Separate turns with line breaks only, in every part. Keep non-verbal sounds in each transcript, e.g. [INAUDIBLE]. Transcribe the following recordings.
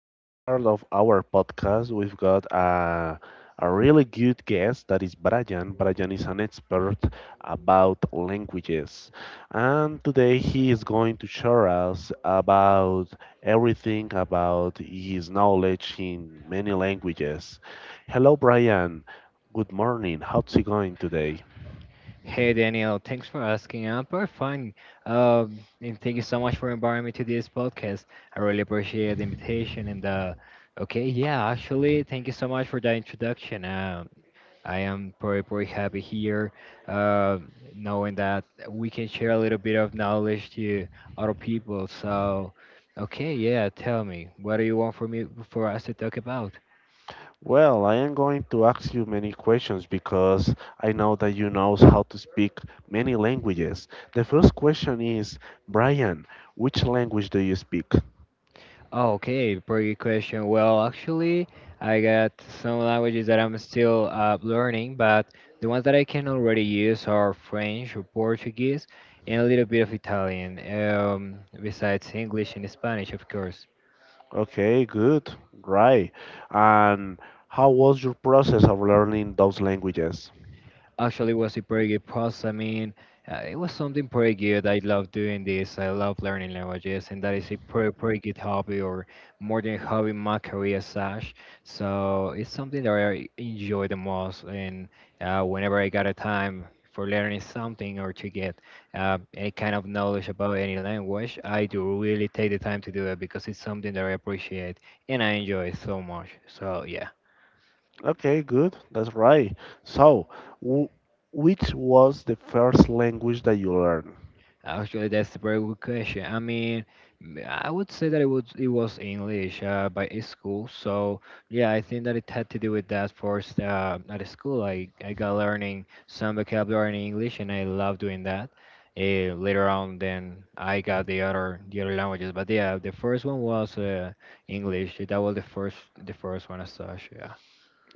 this part of our podcast, we've got a really good guest that is Brian. Brian is an expert about languages, and today he is going to share us about everything about his knowledge in many languages. Hello, Brian. Good morning. How's it going today?
Hey Daniel, thanks for asking. I'm pretty fine. And thank you so much for inviting me to this podcast. I really appreciate the invitation and okay, yeah, actually, thank you so much for that introduction. I am pretty happy here, uh, knowing that we can share a little bit of knowledge to other people. So, okay, yeah, tell me, what do you want for me for us to talk about?
Well, I am going to ask you many questions because I know that you know how to speak many languages. The first question is, Brian, which language do you speak?
Okay, pretty question. Well, actually, I got some languages that I'm still learning, but the ones that I can already use are French or Portuguese and a little bit of Italian, besides English and Spanish, of course.
Okay, good, right. And how was your process of learning those languages?
Actually, it was a pretty good process. I mean, it was something pretty good. I love doing this. I love learning languages, and that is a pretty, pretty good hobby, or more than a hobby, my career sash. So it's something that I enjoy the most, and whenever I got a time for learning something or to get any kind of knowledge about any language, I do really take the time to do it because it's something that I appreciate and I enjoy so much. So yeah.
Okay, good, that's right. So, w which was the first language that you learned?
Actually, that's a very good question. I mean, I would say that it was English by a school. So yeah, I think that it had to do with that first at school. I got learning some vocabulary in English, and I love doing that. Later on, then I got the other languages. But yeah, the first one was English. That was the first one as such. Yeah.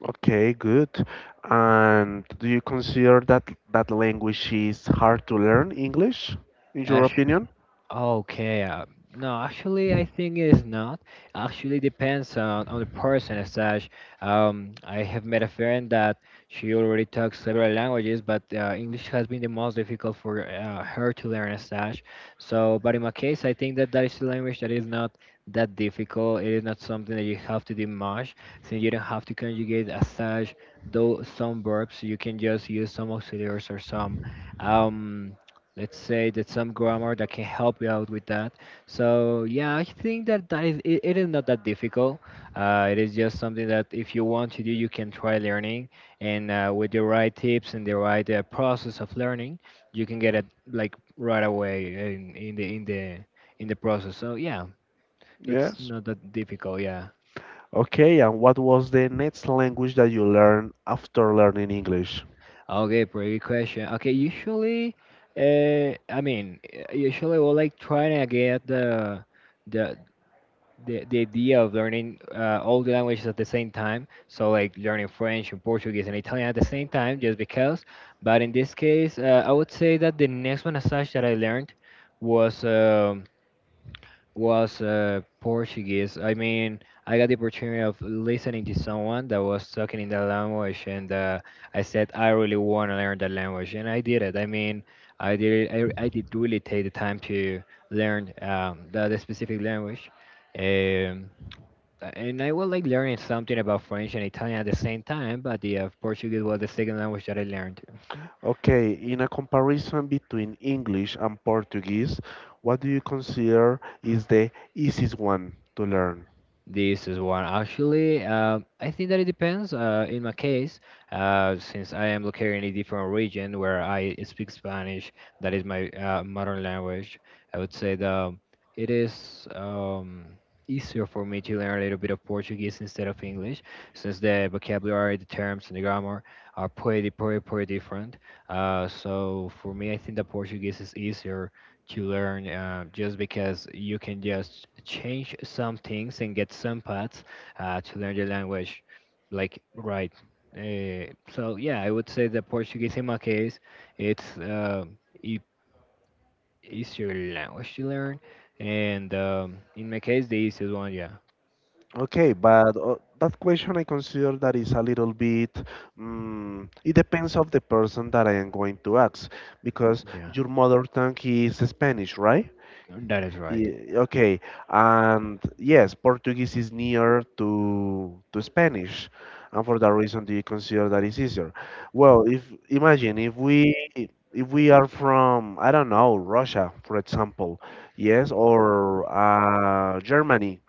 Okay, good. And do you consider that that language is hard to learn, English, in your
Ash.
opinion?
Okay, no, actually, I think it's not. Actually, depends on the person as such. I have met a friend that she already talks several languages, but English has been the most difficult for her to learn as such. So, but in my case, I think that that is a language that is not that difficult. It is not something that you have to do much, since you don't have to conjugate as such. Though some verbs, you can just use some auxiliaries or some. Um, let's say that some grammar that can help you out with that, so yeah, I think that it is not that difficult. It is just something that if you want to do you can try learning, and with the right tips and the right process of learning you can get it like right away in the in the process, so yeah, it's
Yes.
not that difficult, yeah.
Okay, and what was the next language that you learned after learning English?
Okay, pretty good question. Okay, usually I mean usually we'll like try to get the the idea of learning all the languages at the same time. So like learning French and Portuguese and Italian at the same time, just because. But in this case, I would say that the next one as such that I learned was um was Portuguese. I mean, I got the opportunity of listening to someone that was talking in that language, and I said I really want to learn that language, and I did it. I mean, I did I did really take the time to learn that specific language. Um, And I was like learning something about French and Italian at the same time, but yeah, Portuguese was the second language that I learned.
Okay, in a comparison between English and Portuguese, what do you consider is the easiest one to learn?
This is one actually. I think that it depends. In my case, since I am located in a different region where I speak Spanish, that is my modern language. I would say that it is easier for me to learn a little bit of Portuguese instead of English, since the vocabulary, the terms, and the grammar are pretty, pretty, pretty different. So for me, I think that Portuguese is easier to learn just because you can just change some things and get some paths to learn the language like right, uh, so yeah, I would say that Portuguese in my case it's e- easier language to learn, and in my case the easiest one, yeah.
Okay, but that question I consider that is a little bit, it depends of the person that I am going to ask, because
Yeah,
your mother tongue is Spanish, right?
that is right.
Okay, and yes, Portuguese is near to Spanish, and for that reason, do you consider that is easier? Well, if imagine if we are from, I don't know, Russia, for example, yes, or Germany,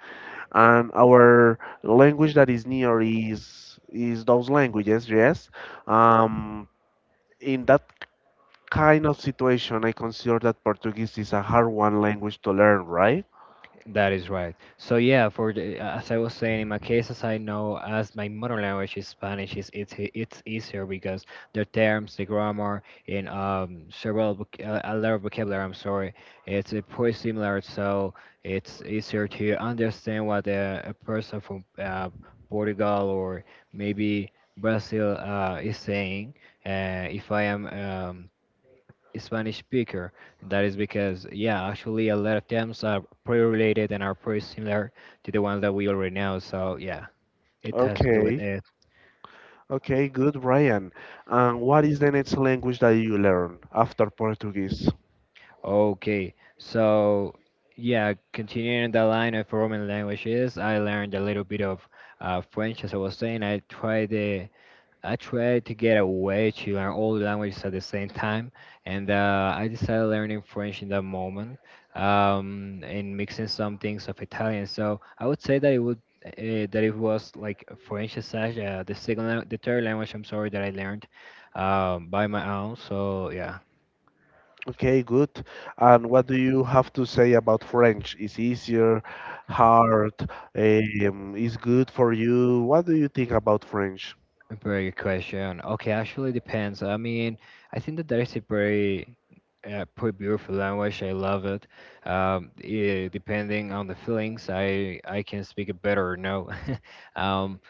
and our language that is near is those languages, yes. Um, in that kind of situation, I consider that Portuguese is a hard one language to learn, right?
That is right. So yeah, for the, as I was saying, in my case, as I know, as my mother language is Spanish, it's easier because the terms, the grammar, and several a lot of vocabulary. I'm sorry, it's pretty similar, so it's easier to understand what a person from Portugal or maybe Brazil is saying. If I am Spanish speaker. And that is because, yeah, actually a lot of terms are pretty related and are pretty similar to the ones that we already know. So yeah, it has to do with
Okay.
it.
Okay, good, Brian. And what is the next language that you learn after Portuguese?
Okay, so yeah, continuing the line of Roman languages, I learned a little bit of French, as I was saying. I tried to get a way to learn all the languages at the same time, and I decided learning French in that moment, and mixing some things of Italian. So I would say that it would uh, that it was like French as such, the the third language. I'm sorry that I learned by my own. So yeah.
Okay, good. And what do you have to say about French? Is easier, hard, is good for you? What do you think about French?
A very good question. Okay, actually depends. I mean, I think that that is a very pretty beautiful language. I love it. Depending on the feelings, I can speak it better or no. [LAUGHS] um,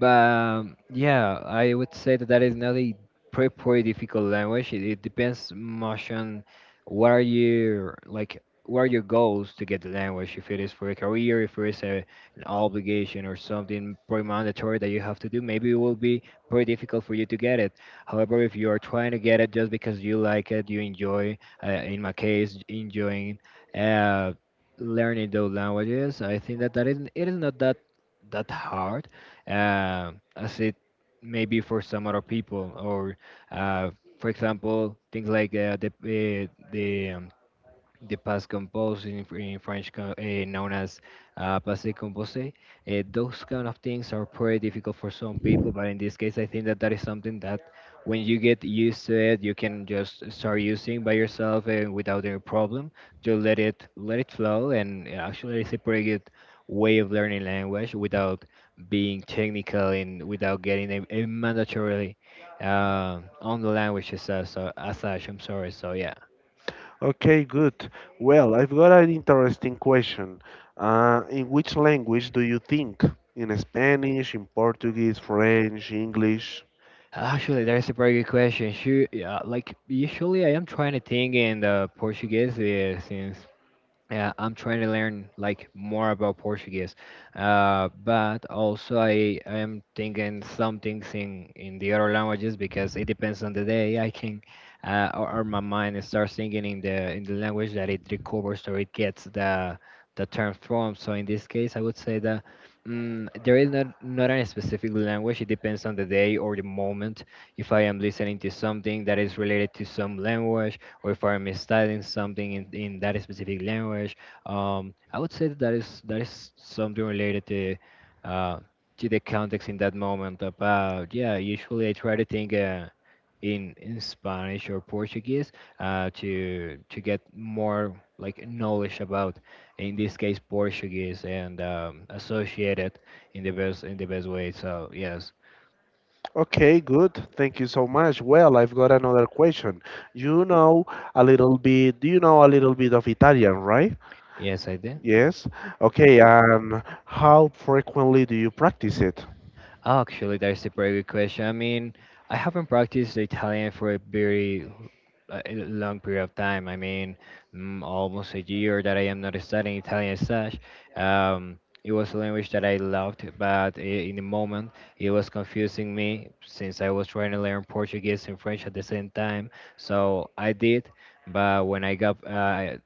but Yeah, I would say that that is not a pretty, pretty difficult language. It depends much on what are your like what are your goals to get the language. If it is for a career, if it is an obligation or something pretty mandatory that you have to do, maybe it will be pretty difficult for you to get it. However, if you are trying to get it just because you like it, you enjoy, in my case, enjoying uh, learning those languages, I think that that is it is not that hard as it may be for some other people. Or, uh, for example, things like the past composed in, in French known as passé composé. Those kind of things are pretty difficult for some people, but in this case, I think that that is something that when you get used to it, you can just start using by yourself and without any problem. Just let it flow, and actually, it's a pretty good way of learning language without being technical and without getting a mandatorily on the language as such. As such, I'm sorry. So yeah.
Okay, good. Well, I've got an interesting question. In which language do you think? In Spanish, in Portuguese, French, English?
Actually, that's a very good question. Sure, yeah, like usually I am trying to think in the Portuguese since yeah, I'm trying to learn like more about Portuguese, but also I am thinking some things in the other languages because it depends on the day. I can or my mind starts thinking in the language that it recovers or it gets the term from. So in this case, I would say that there is not a specific language. It depends on the day or the moment. If I am listening to something that is related to some language or if I'm misstyling something in that specific language. I would say that is something related uh, to the context in that moment. About yeah, usually I try to think in Spanish or Portuguese to get more like knowledge about in this case Portuguese and associate it in the best way. So yes.
Okay, good. Thank you so much. Well, I've got another question. You know do you know a little bit of Italian, right?
Yes, I did.
Yes. Okay, and how frequently do you practice it?
Actually, that's a very good question. I mean, I haven't practiced Italian for a very a long period of time. I mean, almost a year that I am not studying Italian as such. It was a language that I loved, but in the moment, it was confusing me since I was trying to learn Portuguese and French at the same time. So I did, but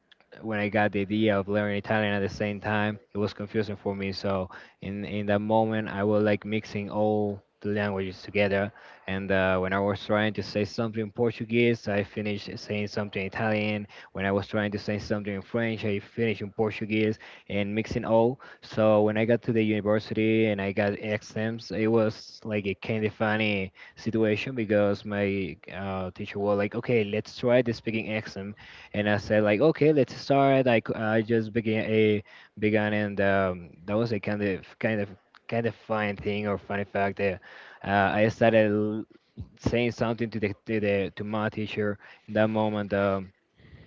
when I got the idea of learning Italian at the same time, it was confusing for me. So in that moment I was like mixing all the languages together, and when I was trying to say something in Portuguese, I finished saying something in Italian. When I was trying to say something in French, I finished in Portuguese, and mixing all. So when I got to the university and I got exams, it was like a kind of funny situation, because my teacher was like, okay, let's try the speaking exam. And I said like, okay, let's start. Like I just began a began, and that was a kind of fun thing or funny fact. That, I started saying something to the to my teacher in that moment.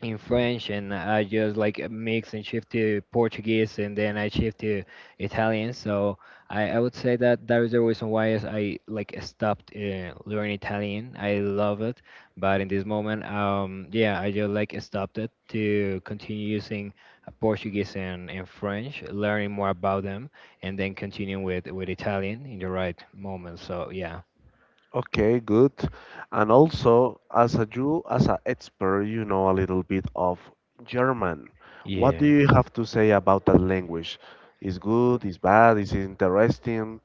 In French, and I just like mix and shift to Portuguese, and then I shift to Italian. So I would say that that is the reason why is I like stopped learning Italian. I love it, but in this moment, yeah, I just like stopped it to continue using Portuguese and French, learning more about them, and then continuing with Italian in the right moment. So yeah.
Okay, good. And also, as a Jew, as an expert, you know a little bit of German. What do
Yeah.
you have to say about that language? Is good, is bad, is interesting?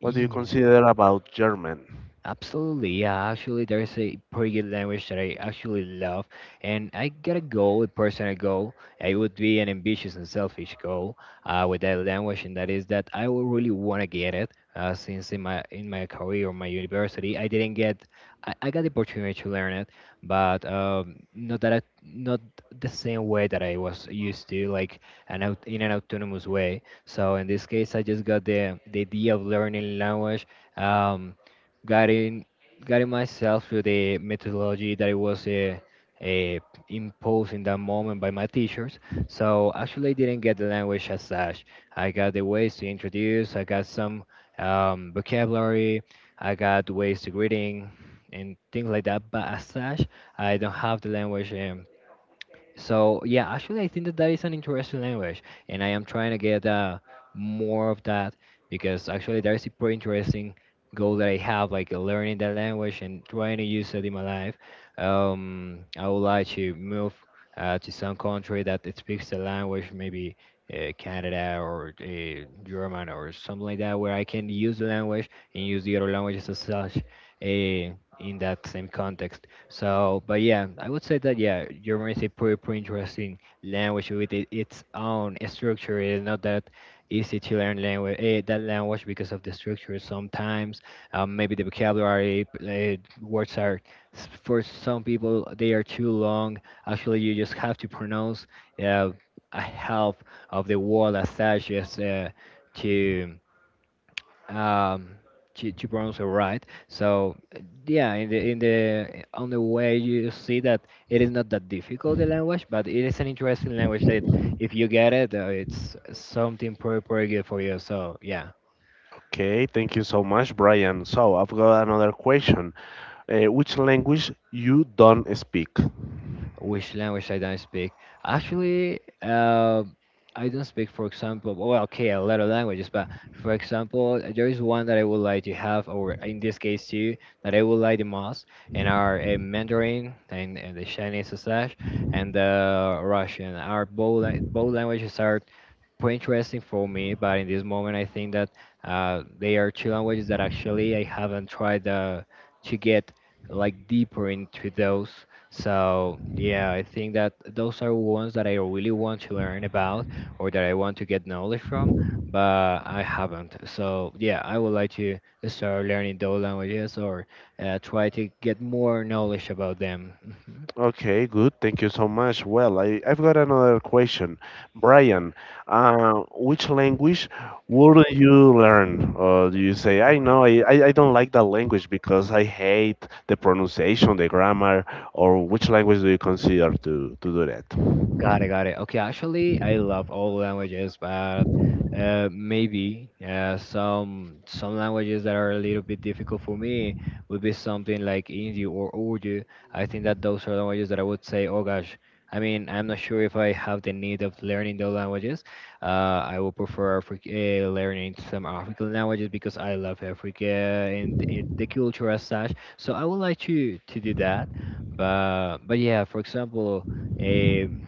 What do you consider about German?
Absolutely, yeah. Actually, there's a pretty good language that I actually love, and I got a goal, a personal goal. It would be an ambitious and selfish goal with that language, and that is that I will really want to get it. Since in my career or my university, I didn't get, I got the opportunity to learn it, but not that I, not the same way that I was used to, like an out, in an autonomous way. So in this case, I just got the idea of learning language. Um, guiding guiding myself to the methodology that it was uh, imposed in that moment by my teachers. So actually, I didn't get the language as such. I got the ways to introduce. I got some vocabulary. I got ways to greeting and things like that. But as such, I don't have the language. So yeah, actually, I think that that is an interesting language, and I am trying to get more of that, because actually that is a pretty interesting goal that I have, like learning that language and trying to use it in my life. I would like to move to some country that it speaks the language, maybe Canada or German or something like that, where I can use the language and use the other languages as such in that same context. So, but yeah, I would say that yeah, German is a pretty interesting language with it, its own structure. It's not that easy to learn language eh, that language because of the structure. Sometimes maybe the vocabulary eh, words are for some people they are too long. Actually, you just have to pronounce uh, a half of the word as such. Just to um Chibrons are right. So yeah, in the on the way you see that it is not that difficult the language, but it is an interesting language that if you get it, it's something pretty good for you. So yeah.
Okay, thank you so much, Brian. So I've got another question. Which language you don't speak?
Which language I don't speak? Actually, I don't speak, for example, well, okay, a lot of languages, but for example, there is one that I would like to have, or in this case, two that I would like the most, and are Mandarin and the Chinese slash and Russian. Our both, both languages are pretty interesting for me, but in this moment, I think that they are two languages that actually I haven't tried to get like deeper into those. So yeah, I think that those are ones that I really want to learn about or that I want to get knowledge from, but I haven't. So yeah, I would like to start learning those languages or try to get more knowledge about them. [LAUGHS]
Okay, good. Thank you so much. Well, I've got another question. Brian, which language would you learn? Or do you say, I know, I don't like that language because I hate the pronunciation, the grammar, or which language do you consider to do that?
Got it, got it. Okay, actually, I love all languages, but maybe some languages that are a little bit difficult for me would be something like Hindi or Urdu. I think that those are languages that I would say, oh gosh, I mean, I'm not sure if I have the need of learning those languages. I would prefer learning some African languages because I love Africa and it, the culture as such. So I would like to do that, but yeah, for example. um,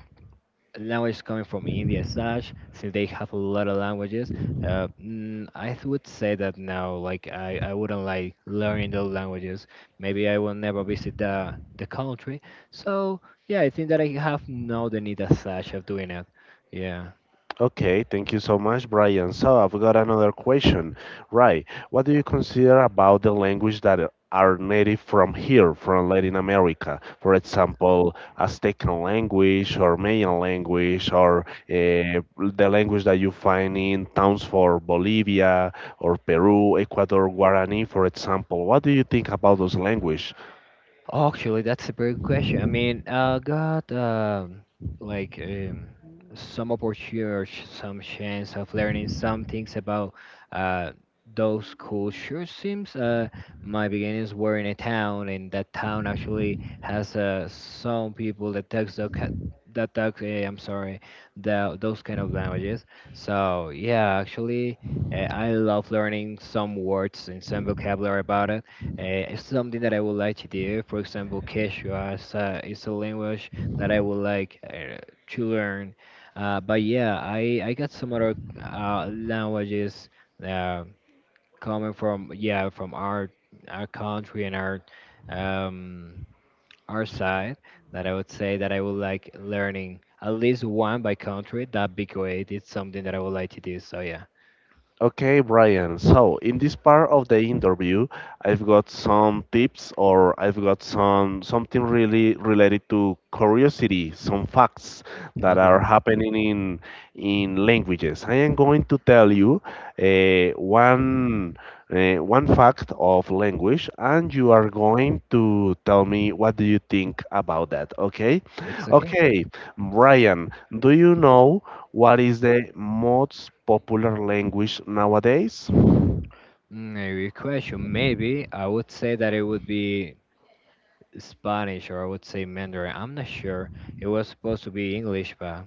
Language coming from India and such, since they have a lot of languages, would say that now, like I wouldn't like learning those languages. Maybe I will never visit the country. So yeah, I think that I have no the need as such of doing it. Yeah.
Okay, thank you so much, Brian. So I've got another question. Right, what do you consider about the language that are native from here, from Latin America? For example, Aztecan language or Mayan language or the language that you find in towns for Bolivia or Peru, Ecuador, Guarani, for example. What do you think about those languages?
Actually, that's a very good question. I mean, I got like some opportunity, some chance of learning some things about uh, those cultures. Seems my beginnings were in a town, and that town actually has some people that talks that talk. Eh, I'm sorry, the, those kind of languages. So yeah, actually, I love learning some words and some vocabulary about it. uh, it's something that I would like to do. For example, Quechua is is a language that I would like to learn. But yeah, I got some other languages uh, coming from yeah from our country and um, our side, that I would say that I would like learning at least one by country. That'd be great. It's something that I would like to do. So yeah.
Okay, Brian. So, in this part of the interview, I've got some tips or I've got something really related to curiosity, some facts that are
Okay,
happening in languages. I am going to tell you uh, one one fact of language, and you are going to tell me what do you think about that. Okay?
it's okay.
Okay, Brian. Do you know? What is the most popular language nowadays?
Mm, a good question. Maybe I would say that it would be Spanish, or I would say Mandarin. I'm not sure. It was supposed to be English, but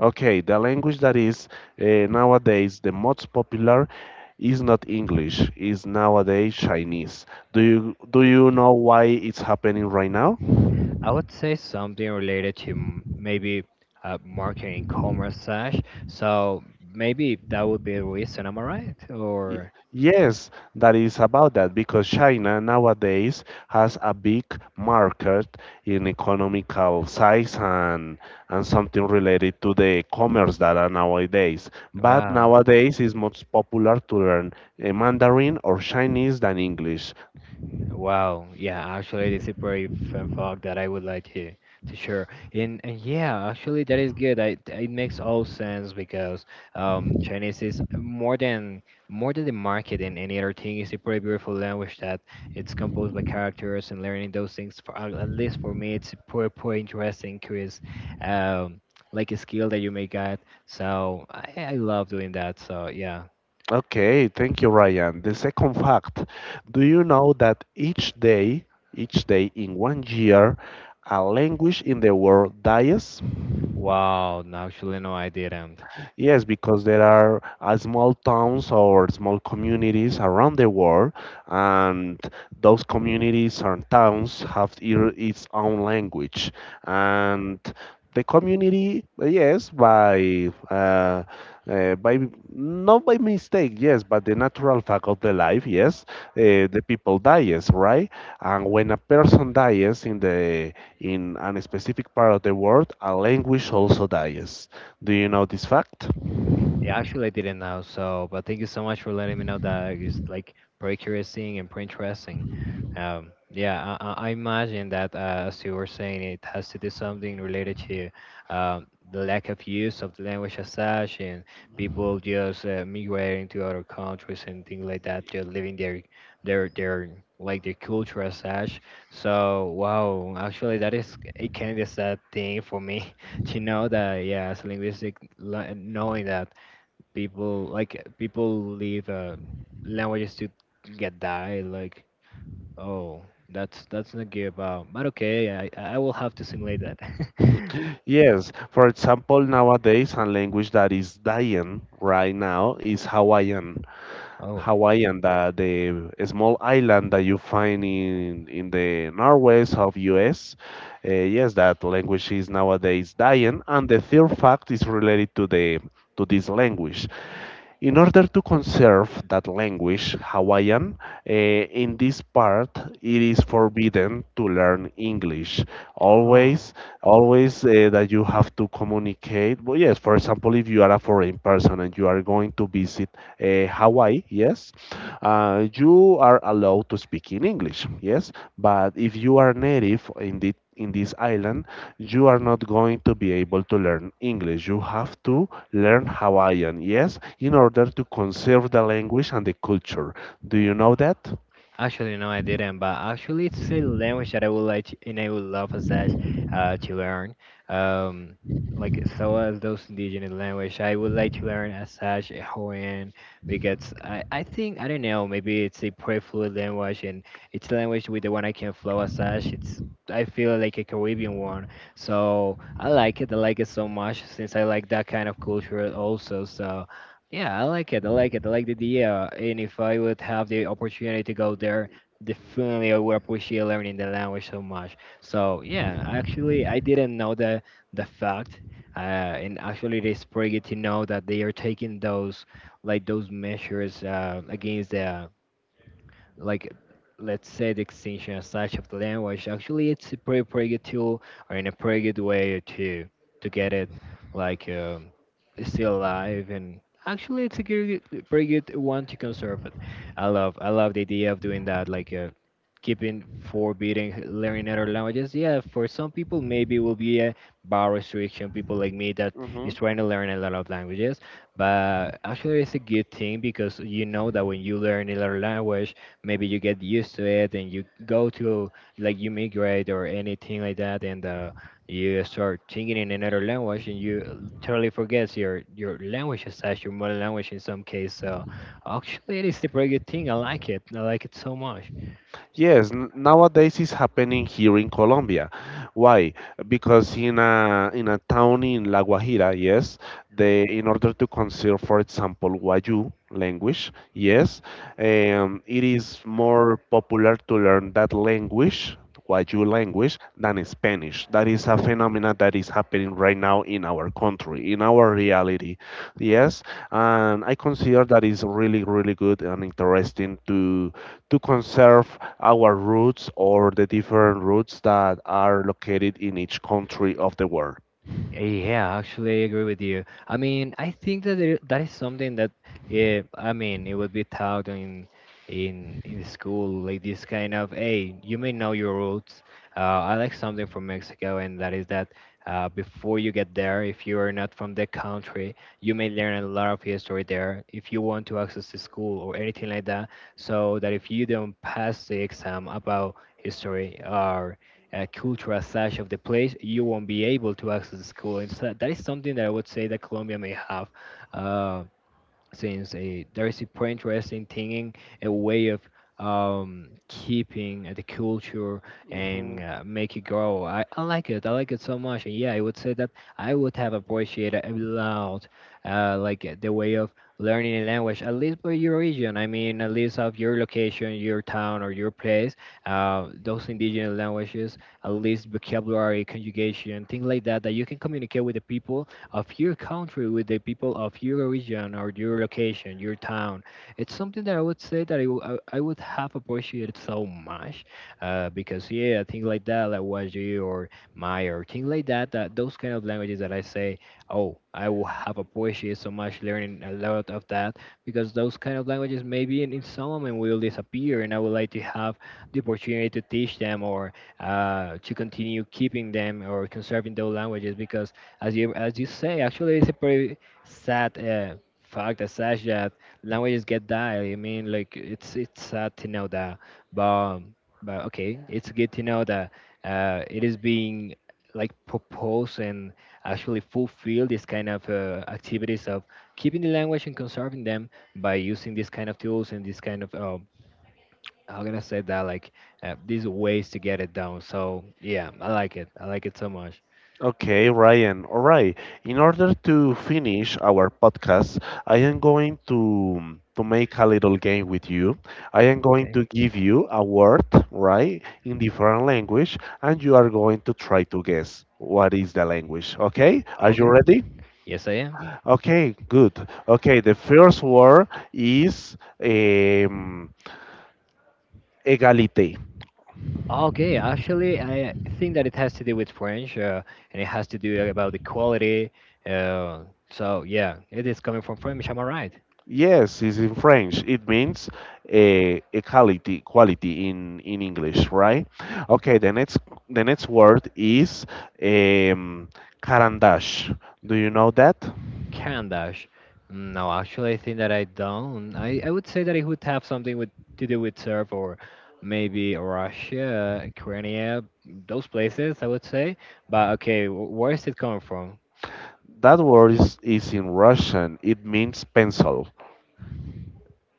Okay, the language that is nowadays the most popular is not English, is nowadays Chinese. Do you know why it's happening right now?
I would say something related to maybe marketing commerce slash. So maybe that would be a reason. Am I right?
Y-
Or
Yes, that is about that because China nowadays has a big market in economical size and something related to the commerce that are nowadays. But
wow.
nowadays it's much popular to learn Mandarin or Chinese than English.
Wow, yeah, actually, this is a pretty fun fact that I would like to share. And yeah, actually, that is good. I it makes all sense because Chinese is more than the market and any other thing. It's a pretty beautiful language that it's composed by characters, and learning those things. For at least for me, it's a pretty interesting, curious, um, like a skill that you may get. So I love doing that. So yeah.
Okay, thank you, Ryan. The second fact, do you know that each day in one year, a language in the world dies?
Wow, no, actually, no, I didn't.
Yes, because there are small towns or small communities around the world, and those communities and towns have its own language. And the community, yes, by not by mistake, yes, but the natural fact of the life, yes, the people dies, right? And when a person dies in an specific part of the world, a language also dies. Do you know this fact?
Yeah, actually, I didn't know. So, but thank you so much for letting me know that. It's like pretty curious thing and pretty interesting. Yeah, I imagine that as you were saying, it has to do something related to the lack of use of the language as such, and people just migrating to other countries and things like that, just living their like their culture as such. So, wow, actually, that is it. Kind of is that thing for me [LAUGHS] to know that. Yeah, as a linguistic, knowing that people leave languages to get die, like oh, that's not good about. But okay, I will have to simulate that.
[LAUGHS] Yes. For example, nowadays, a language that is dying right now is Hawaiian.
[LAUGHS] Oh.
Hawaiian, the small island that you find in the northwest of U.S. Yes, that language is nowadays dying, and the third fact is related to this language. In order to conserve that language, Hawaiian, in this part, it is forbidden to learn English.
Oh.
Always, always, that you have to communicate. But yes, for example, if you are a foreign person and you are going to visit Hawaii, yes, you are allowed to speak in English, yes. But if you are native in this island, you are not going to be able to learn English. You have to learn Hawaiian, yes, in order to conserve the language and the culture. Do you know that?
Actually, no, I didn't. But actually, it's a language that I would like to, and I would love as such to learn. Um, like so as those indigenous language, I would like to learn as such Hawaiian, because I think I don't know, maybe it's a pretty fluid language, and it's a language with the one I can flow as such. It's I feel like a Caribbean one, so I like it. I like it so much since I like that kind of culture also. So yeah, I like it. I like it. I like the idea. And if I would have the opportunity to go there, definitely I would appreciate learning the language so much. So yeah, actually, I didn't know the fact, uh, and actually, it is pretty good to know that they are taking those like those measures against the like, let's say, the extinction as such of the language. Actually, it's a pretty good tool, or in a pretty good way to get it, like still alive. And actually it's a good, pretty good one to conserve it. I love the idea of doing that, like keeping forbidding learning other languages. Yeah, for some people maybe will be a bar restriction, people like me that is trying to learn a lot of languages. But actually it's a good thing, because you know that when you learn another language, maybe you get used to it, and you go to like you migrate or anything like that, and you start thinking in another language, and you totally forgets your language as such, your mother language in some case. So actually it is a pretty good thing. I like it. I like it so much.
Yes, nowadays it's happening here in Colombia. Why? Because in a town in La Guajira, yes, they in order to conceal, for example, Wayuu language, yes, it is more popular to learn that language, Wayuu language, than Spanish. That is a phenomena that is happening right now in our country, in our reality. Yes, and I consider that is really, really good and interesting to conserve our roots or the different roots that are located in each country of the world.
Eh, yeah, actually, I agree with you. I mean, I think that that is something that it would be taught in in school, like this kind of, hey, you may know your roots. Uh, I like something from Mexico, and that is that before you get there, if you are not from the country, you may learn a lot of history there if you want to access the school or anything like that. So that if you don't pass the exam about history, or cultural side of the place, you won't be able to access the school. And so that is something that I would say that Colombia may have. Um, since a there is a pretty interesting thing, a way of keeping the culture and
Hmm.
make it grow. I like it. I like it so much. And yeah, I would say that I would have appreciated a lot, the way of learning a language, at least for your region. I mean, at least of your location, your town, or your place. Those indigenous languages, at least vocabulary, conjugation, things like that, that you can communicate with the people of your country, with the people of your region or your location, your town. It's something that I would say that I would have appreciated so much because, yeah, things like that, like Waji or Maya or things like that, that those kind of languages that I say, oh, I will have appreciated so much learning a lot of that because those kind of languages maybe in some moment will disappear, and I would like to have the opportunity to teach them or to continue keeping them or conserving those languages because as you say, actually, it's a pretty sad fact that says that languages get die. I mean, like it's sad to know that, but but okay, it's good to know that it is being like proposed and actually fulfill this kind of activities of keeping the language and conserving them by using this kind of tools and this kind of how can I say that, like these ways to get it down. So yeah, I like it. I like it so much.
Okay, Ryan. All right. In order to finish our podcast, I am going to make a little game with you. I am going
Okay.
to give you a word, right, in different language, and you are going to try to guess what is the language. Okay? Are you
Okay.
ready?
Yes, I am.
Okay, good. Okay, the first word is Egalité.
Okay, actually, I think that it has to do with French, and it has to do about the quality. Uh, so yeah, it is coming from French. Am I right?
Yes, it's in French. It means equality, quality in English, right? Okay, the next word is um, karandash. Do you know that?
Kandash. No, actually, I think that I don't. I would say that it would have something with to do with Serb or maybe Russia, Ukraine, those places. I would say. But okay, where is it coming from?
That word is in Russian. It means pencil.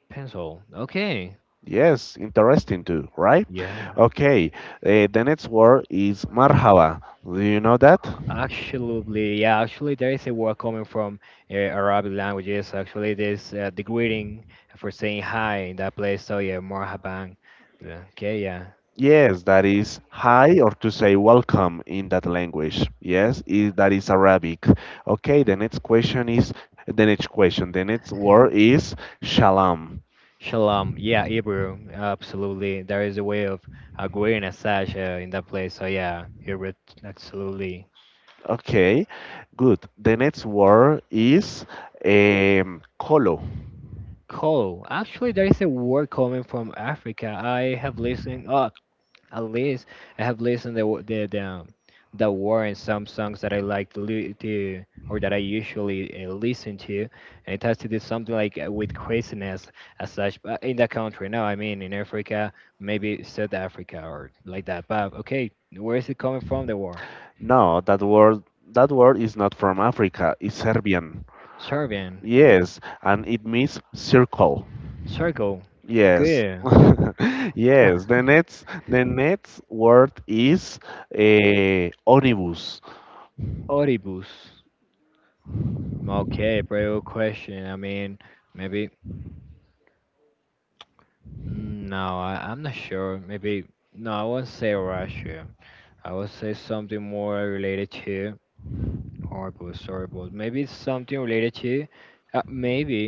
Pencil. Okay.
Yes, interesting too, right?
Yeah.
Okay, the next word is marhaba. Do you know that?
Absolutely, yeah, actually, there is a word coming from Arabic languages. Actually, there's the greeting for saying hi in that place. So, yeah, marhaban. Yeah, okay, yeah.
Yes, that is hi or to say welcome in that language. Yes, that is Arabic. Okay, the next question is the next question. The next word
[LAUGHS]
is shalom.
Shalom. Yeah, Hebrew. Absolutely. There is a way of greeting as such in that place. So, yeah, Hebrew, absolutely.
Okay, good. The next word is kolo.
Cool. Actually, there is a word coming from Africa. I have listened. At least I have listened the the war and some songs that I like to or that I usually listen to, and it has to do something like with craziness as such. But in that country, no, I mean in Africa, maybe South Africa or like that. But okay, where is it coming from? The war,
No, that word is not from Africa. It's Serbian.
Serbian,
Yes, and it means circle.
circle,
Yes.
good,
[LAUGHS] Yes,
[LAUGHS]
the next word is omnibus.
Oribus. Okay, very good question. I mean, maybe mm, no, I'm not sure. Maybe no, I won't say Russia. I would say something more related to audiobooks. Maybe it's something related to, maybe.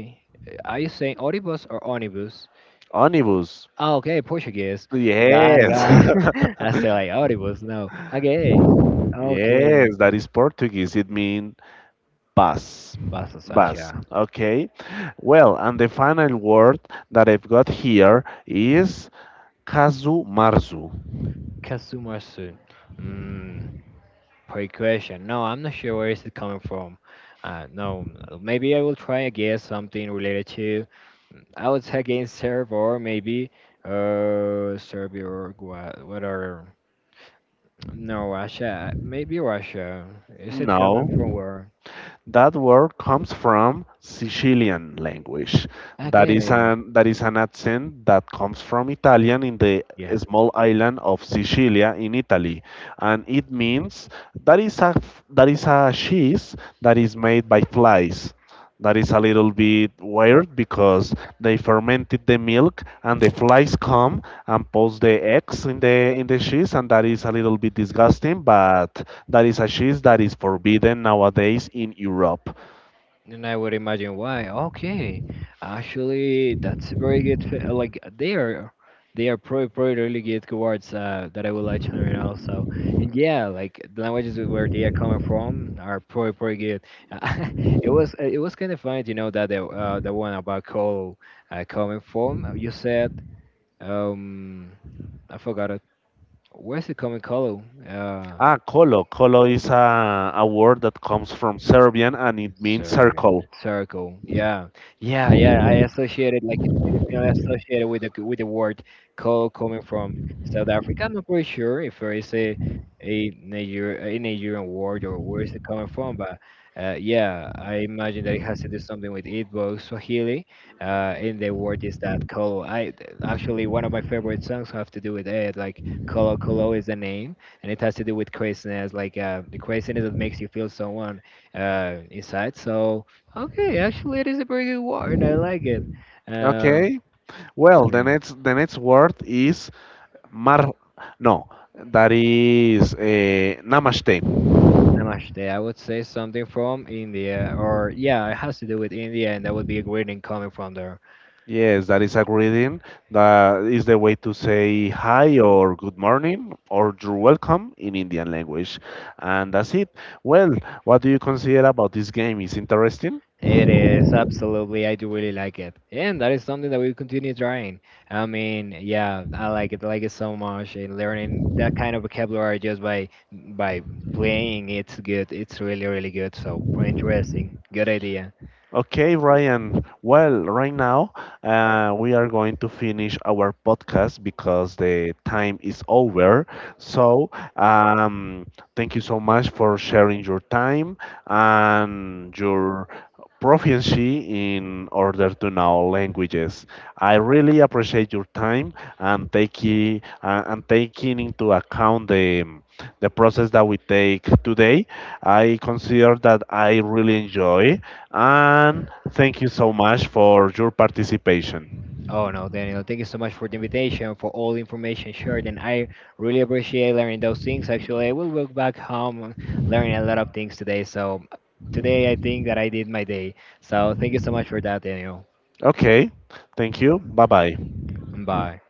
Are you saying audiobooks or omnibus?
Omnibus.
Oh, okay, Portuguese. God,
Yes.
God. [LAUGHS]
[LAUGHS]
I say like audiobooks. No, okay, okay.
Yes, that is Portuguese. It means bus.
Basta
Bus.
Sasha.
Okay. Well, and the final word that I've got here is casu marzu.
Kasumasu. Mm. Great question. No, I'm not sure where is it coming from. No, maybe I will try and guess something related to, mm, I would say against Serb or maybe Serbia or what are, no, Russia, maybe Russia. Is it coming from
No,
where?
that word comes from Sicilian language. That is
Okay,
an that is an accent that comes from Italian in the
yeah.
small island of Sicilia in Italy, and it means that is a cheese that is made by flies. That is a little bit weird because they fermented the milk and the flies come and pose the eggs in the cheese, and that is a little bit disgusting. But that is a cheese that is forbidden nowadays in Europe.
And I would imagine why. Okay, actually, that's a very good. Like they are probably really good words that I would like to learn also. And yeah, like the languages where they are coming from are probably pretty good. [LAUGHS] It was kind of funny, you know, that the one about coal coming from. You said um, I forgot it. Where's it coming, coal?
Ah, kolo. Kolo is a word that comes from Serbian and it means
Serving
circle.
circle, yeah, yeah, yeah. I associated like I definitely associated with the word "call" coming from South Africa. I'm not pretty sure if there is a Niger a Nigerian word or where is it coming from, but yeah, I imagine that it has to do something with Igbo Swahili. Uh, and the word is that "call." I actually one of my favorite songs have to do with it. Like "Kolo Kolo" is the name, and it has to do with craziness, like the craziness that makes you feel someone inside. So okay, actually, it is a pretty good word. I like it. Um,
Okay. Well,
so
the
yeah,
next the next word is mar. No, that is namaste.
namaste. I would say something from India, or yeah, it has to do with India, and that would be a greeting coming from there.
Yes, that is a greeting. That is the way to say hi or good morning or you're welcome in Indian language. And that's it. Well, what do you consider about this game? Is interesting?
It is absolutely. I do really like it, and that is something that we continue trying. I mean, yeah, I like it. I like it so much, and learning that kind of vocabulary just by playing, it's good. It's really, really good. So pretty interesting. Good idea.
Okay, Ryan. Well, right now we are going to finish our podcast because the time is over. So, thank you so much for sharing your time and your proficiency in order to know languages. I really appreciate your time and taking into account the process that we take today. I consider that I really enjoy. And thank you so much for your participation.
Oh no, Daniel, thank you so much for the invitation, for all the information shared, and I really appreciate learning those things. Actually, I will walk back home learning a lot of things today. So today I think that I did my day. So thank you so much for that, Daniel.
Okay, thank you. Bye bye.
Bye.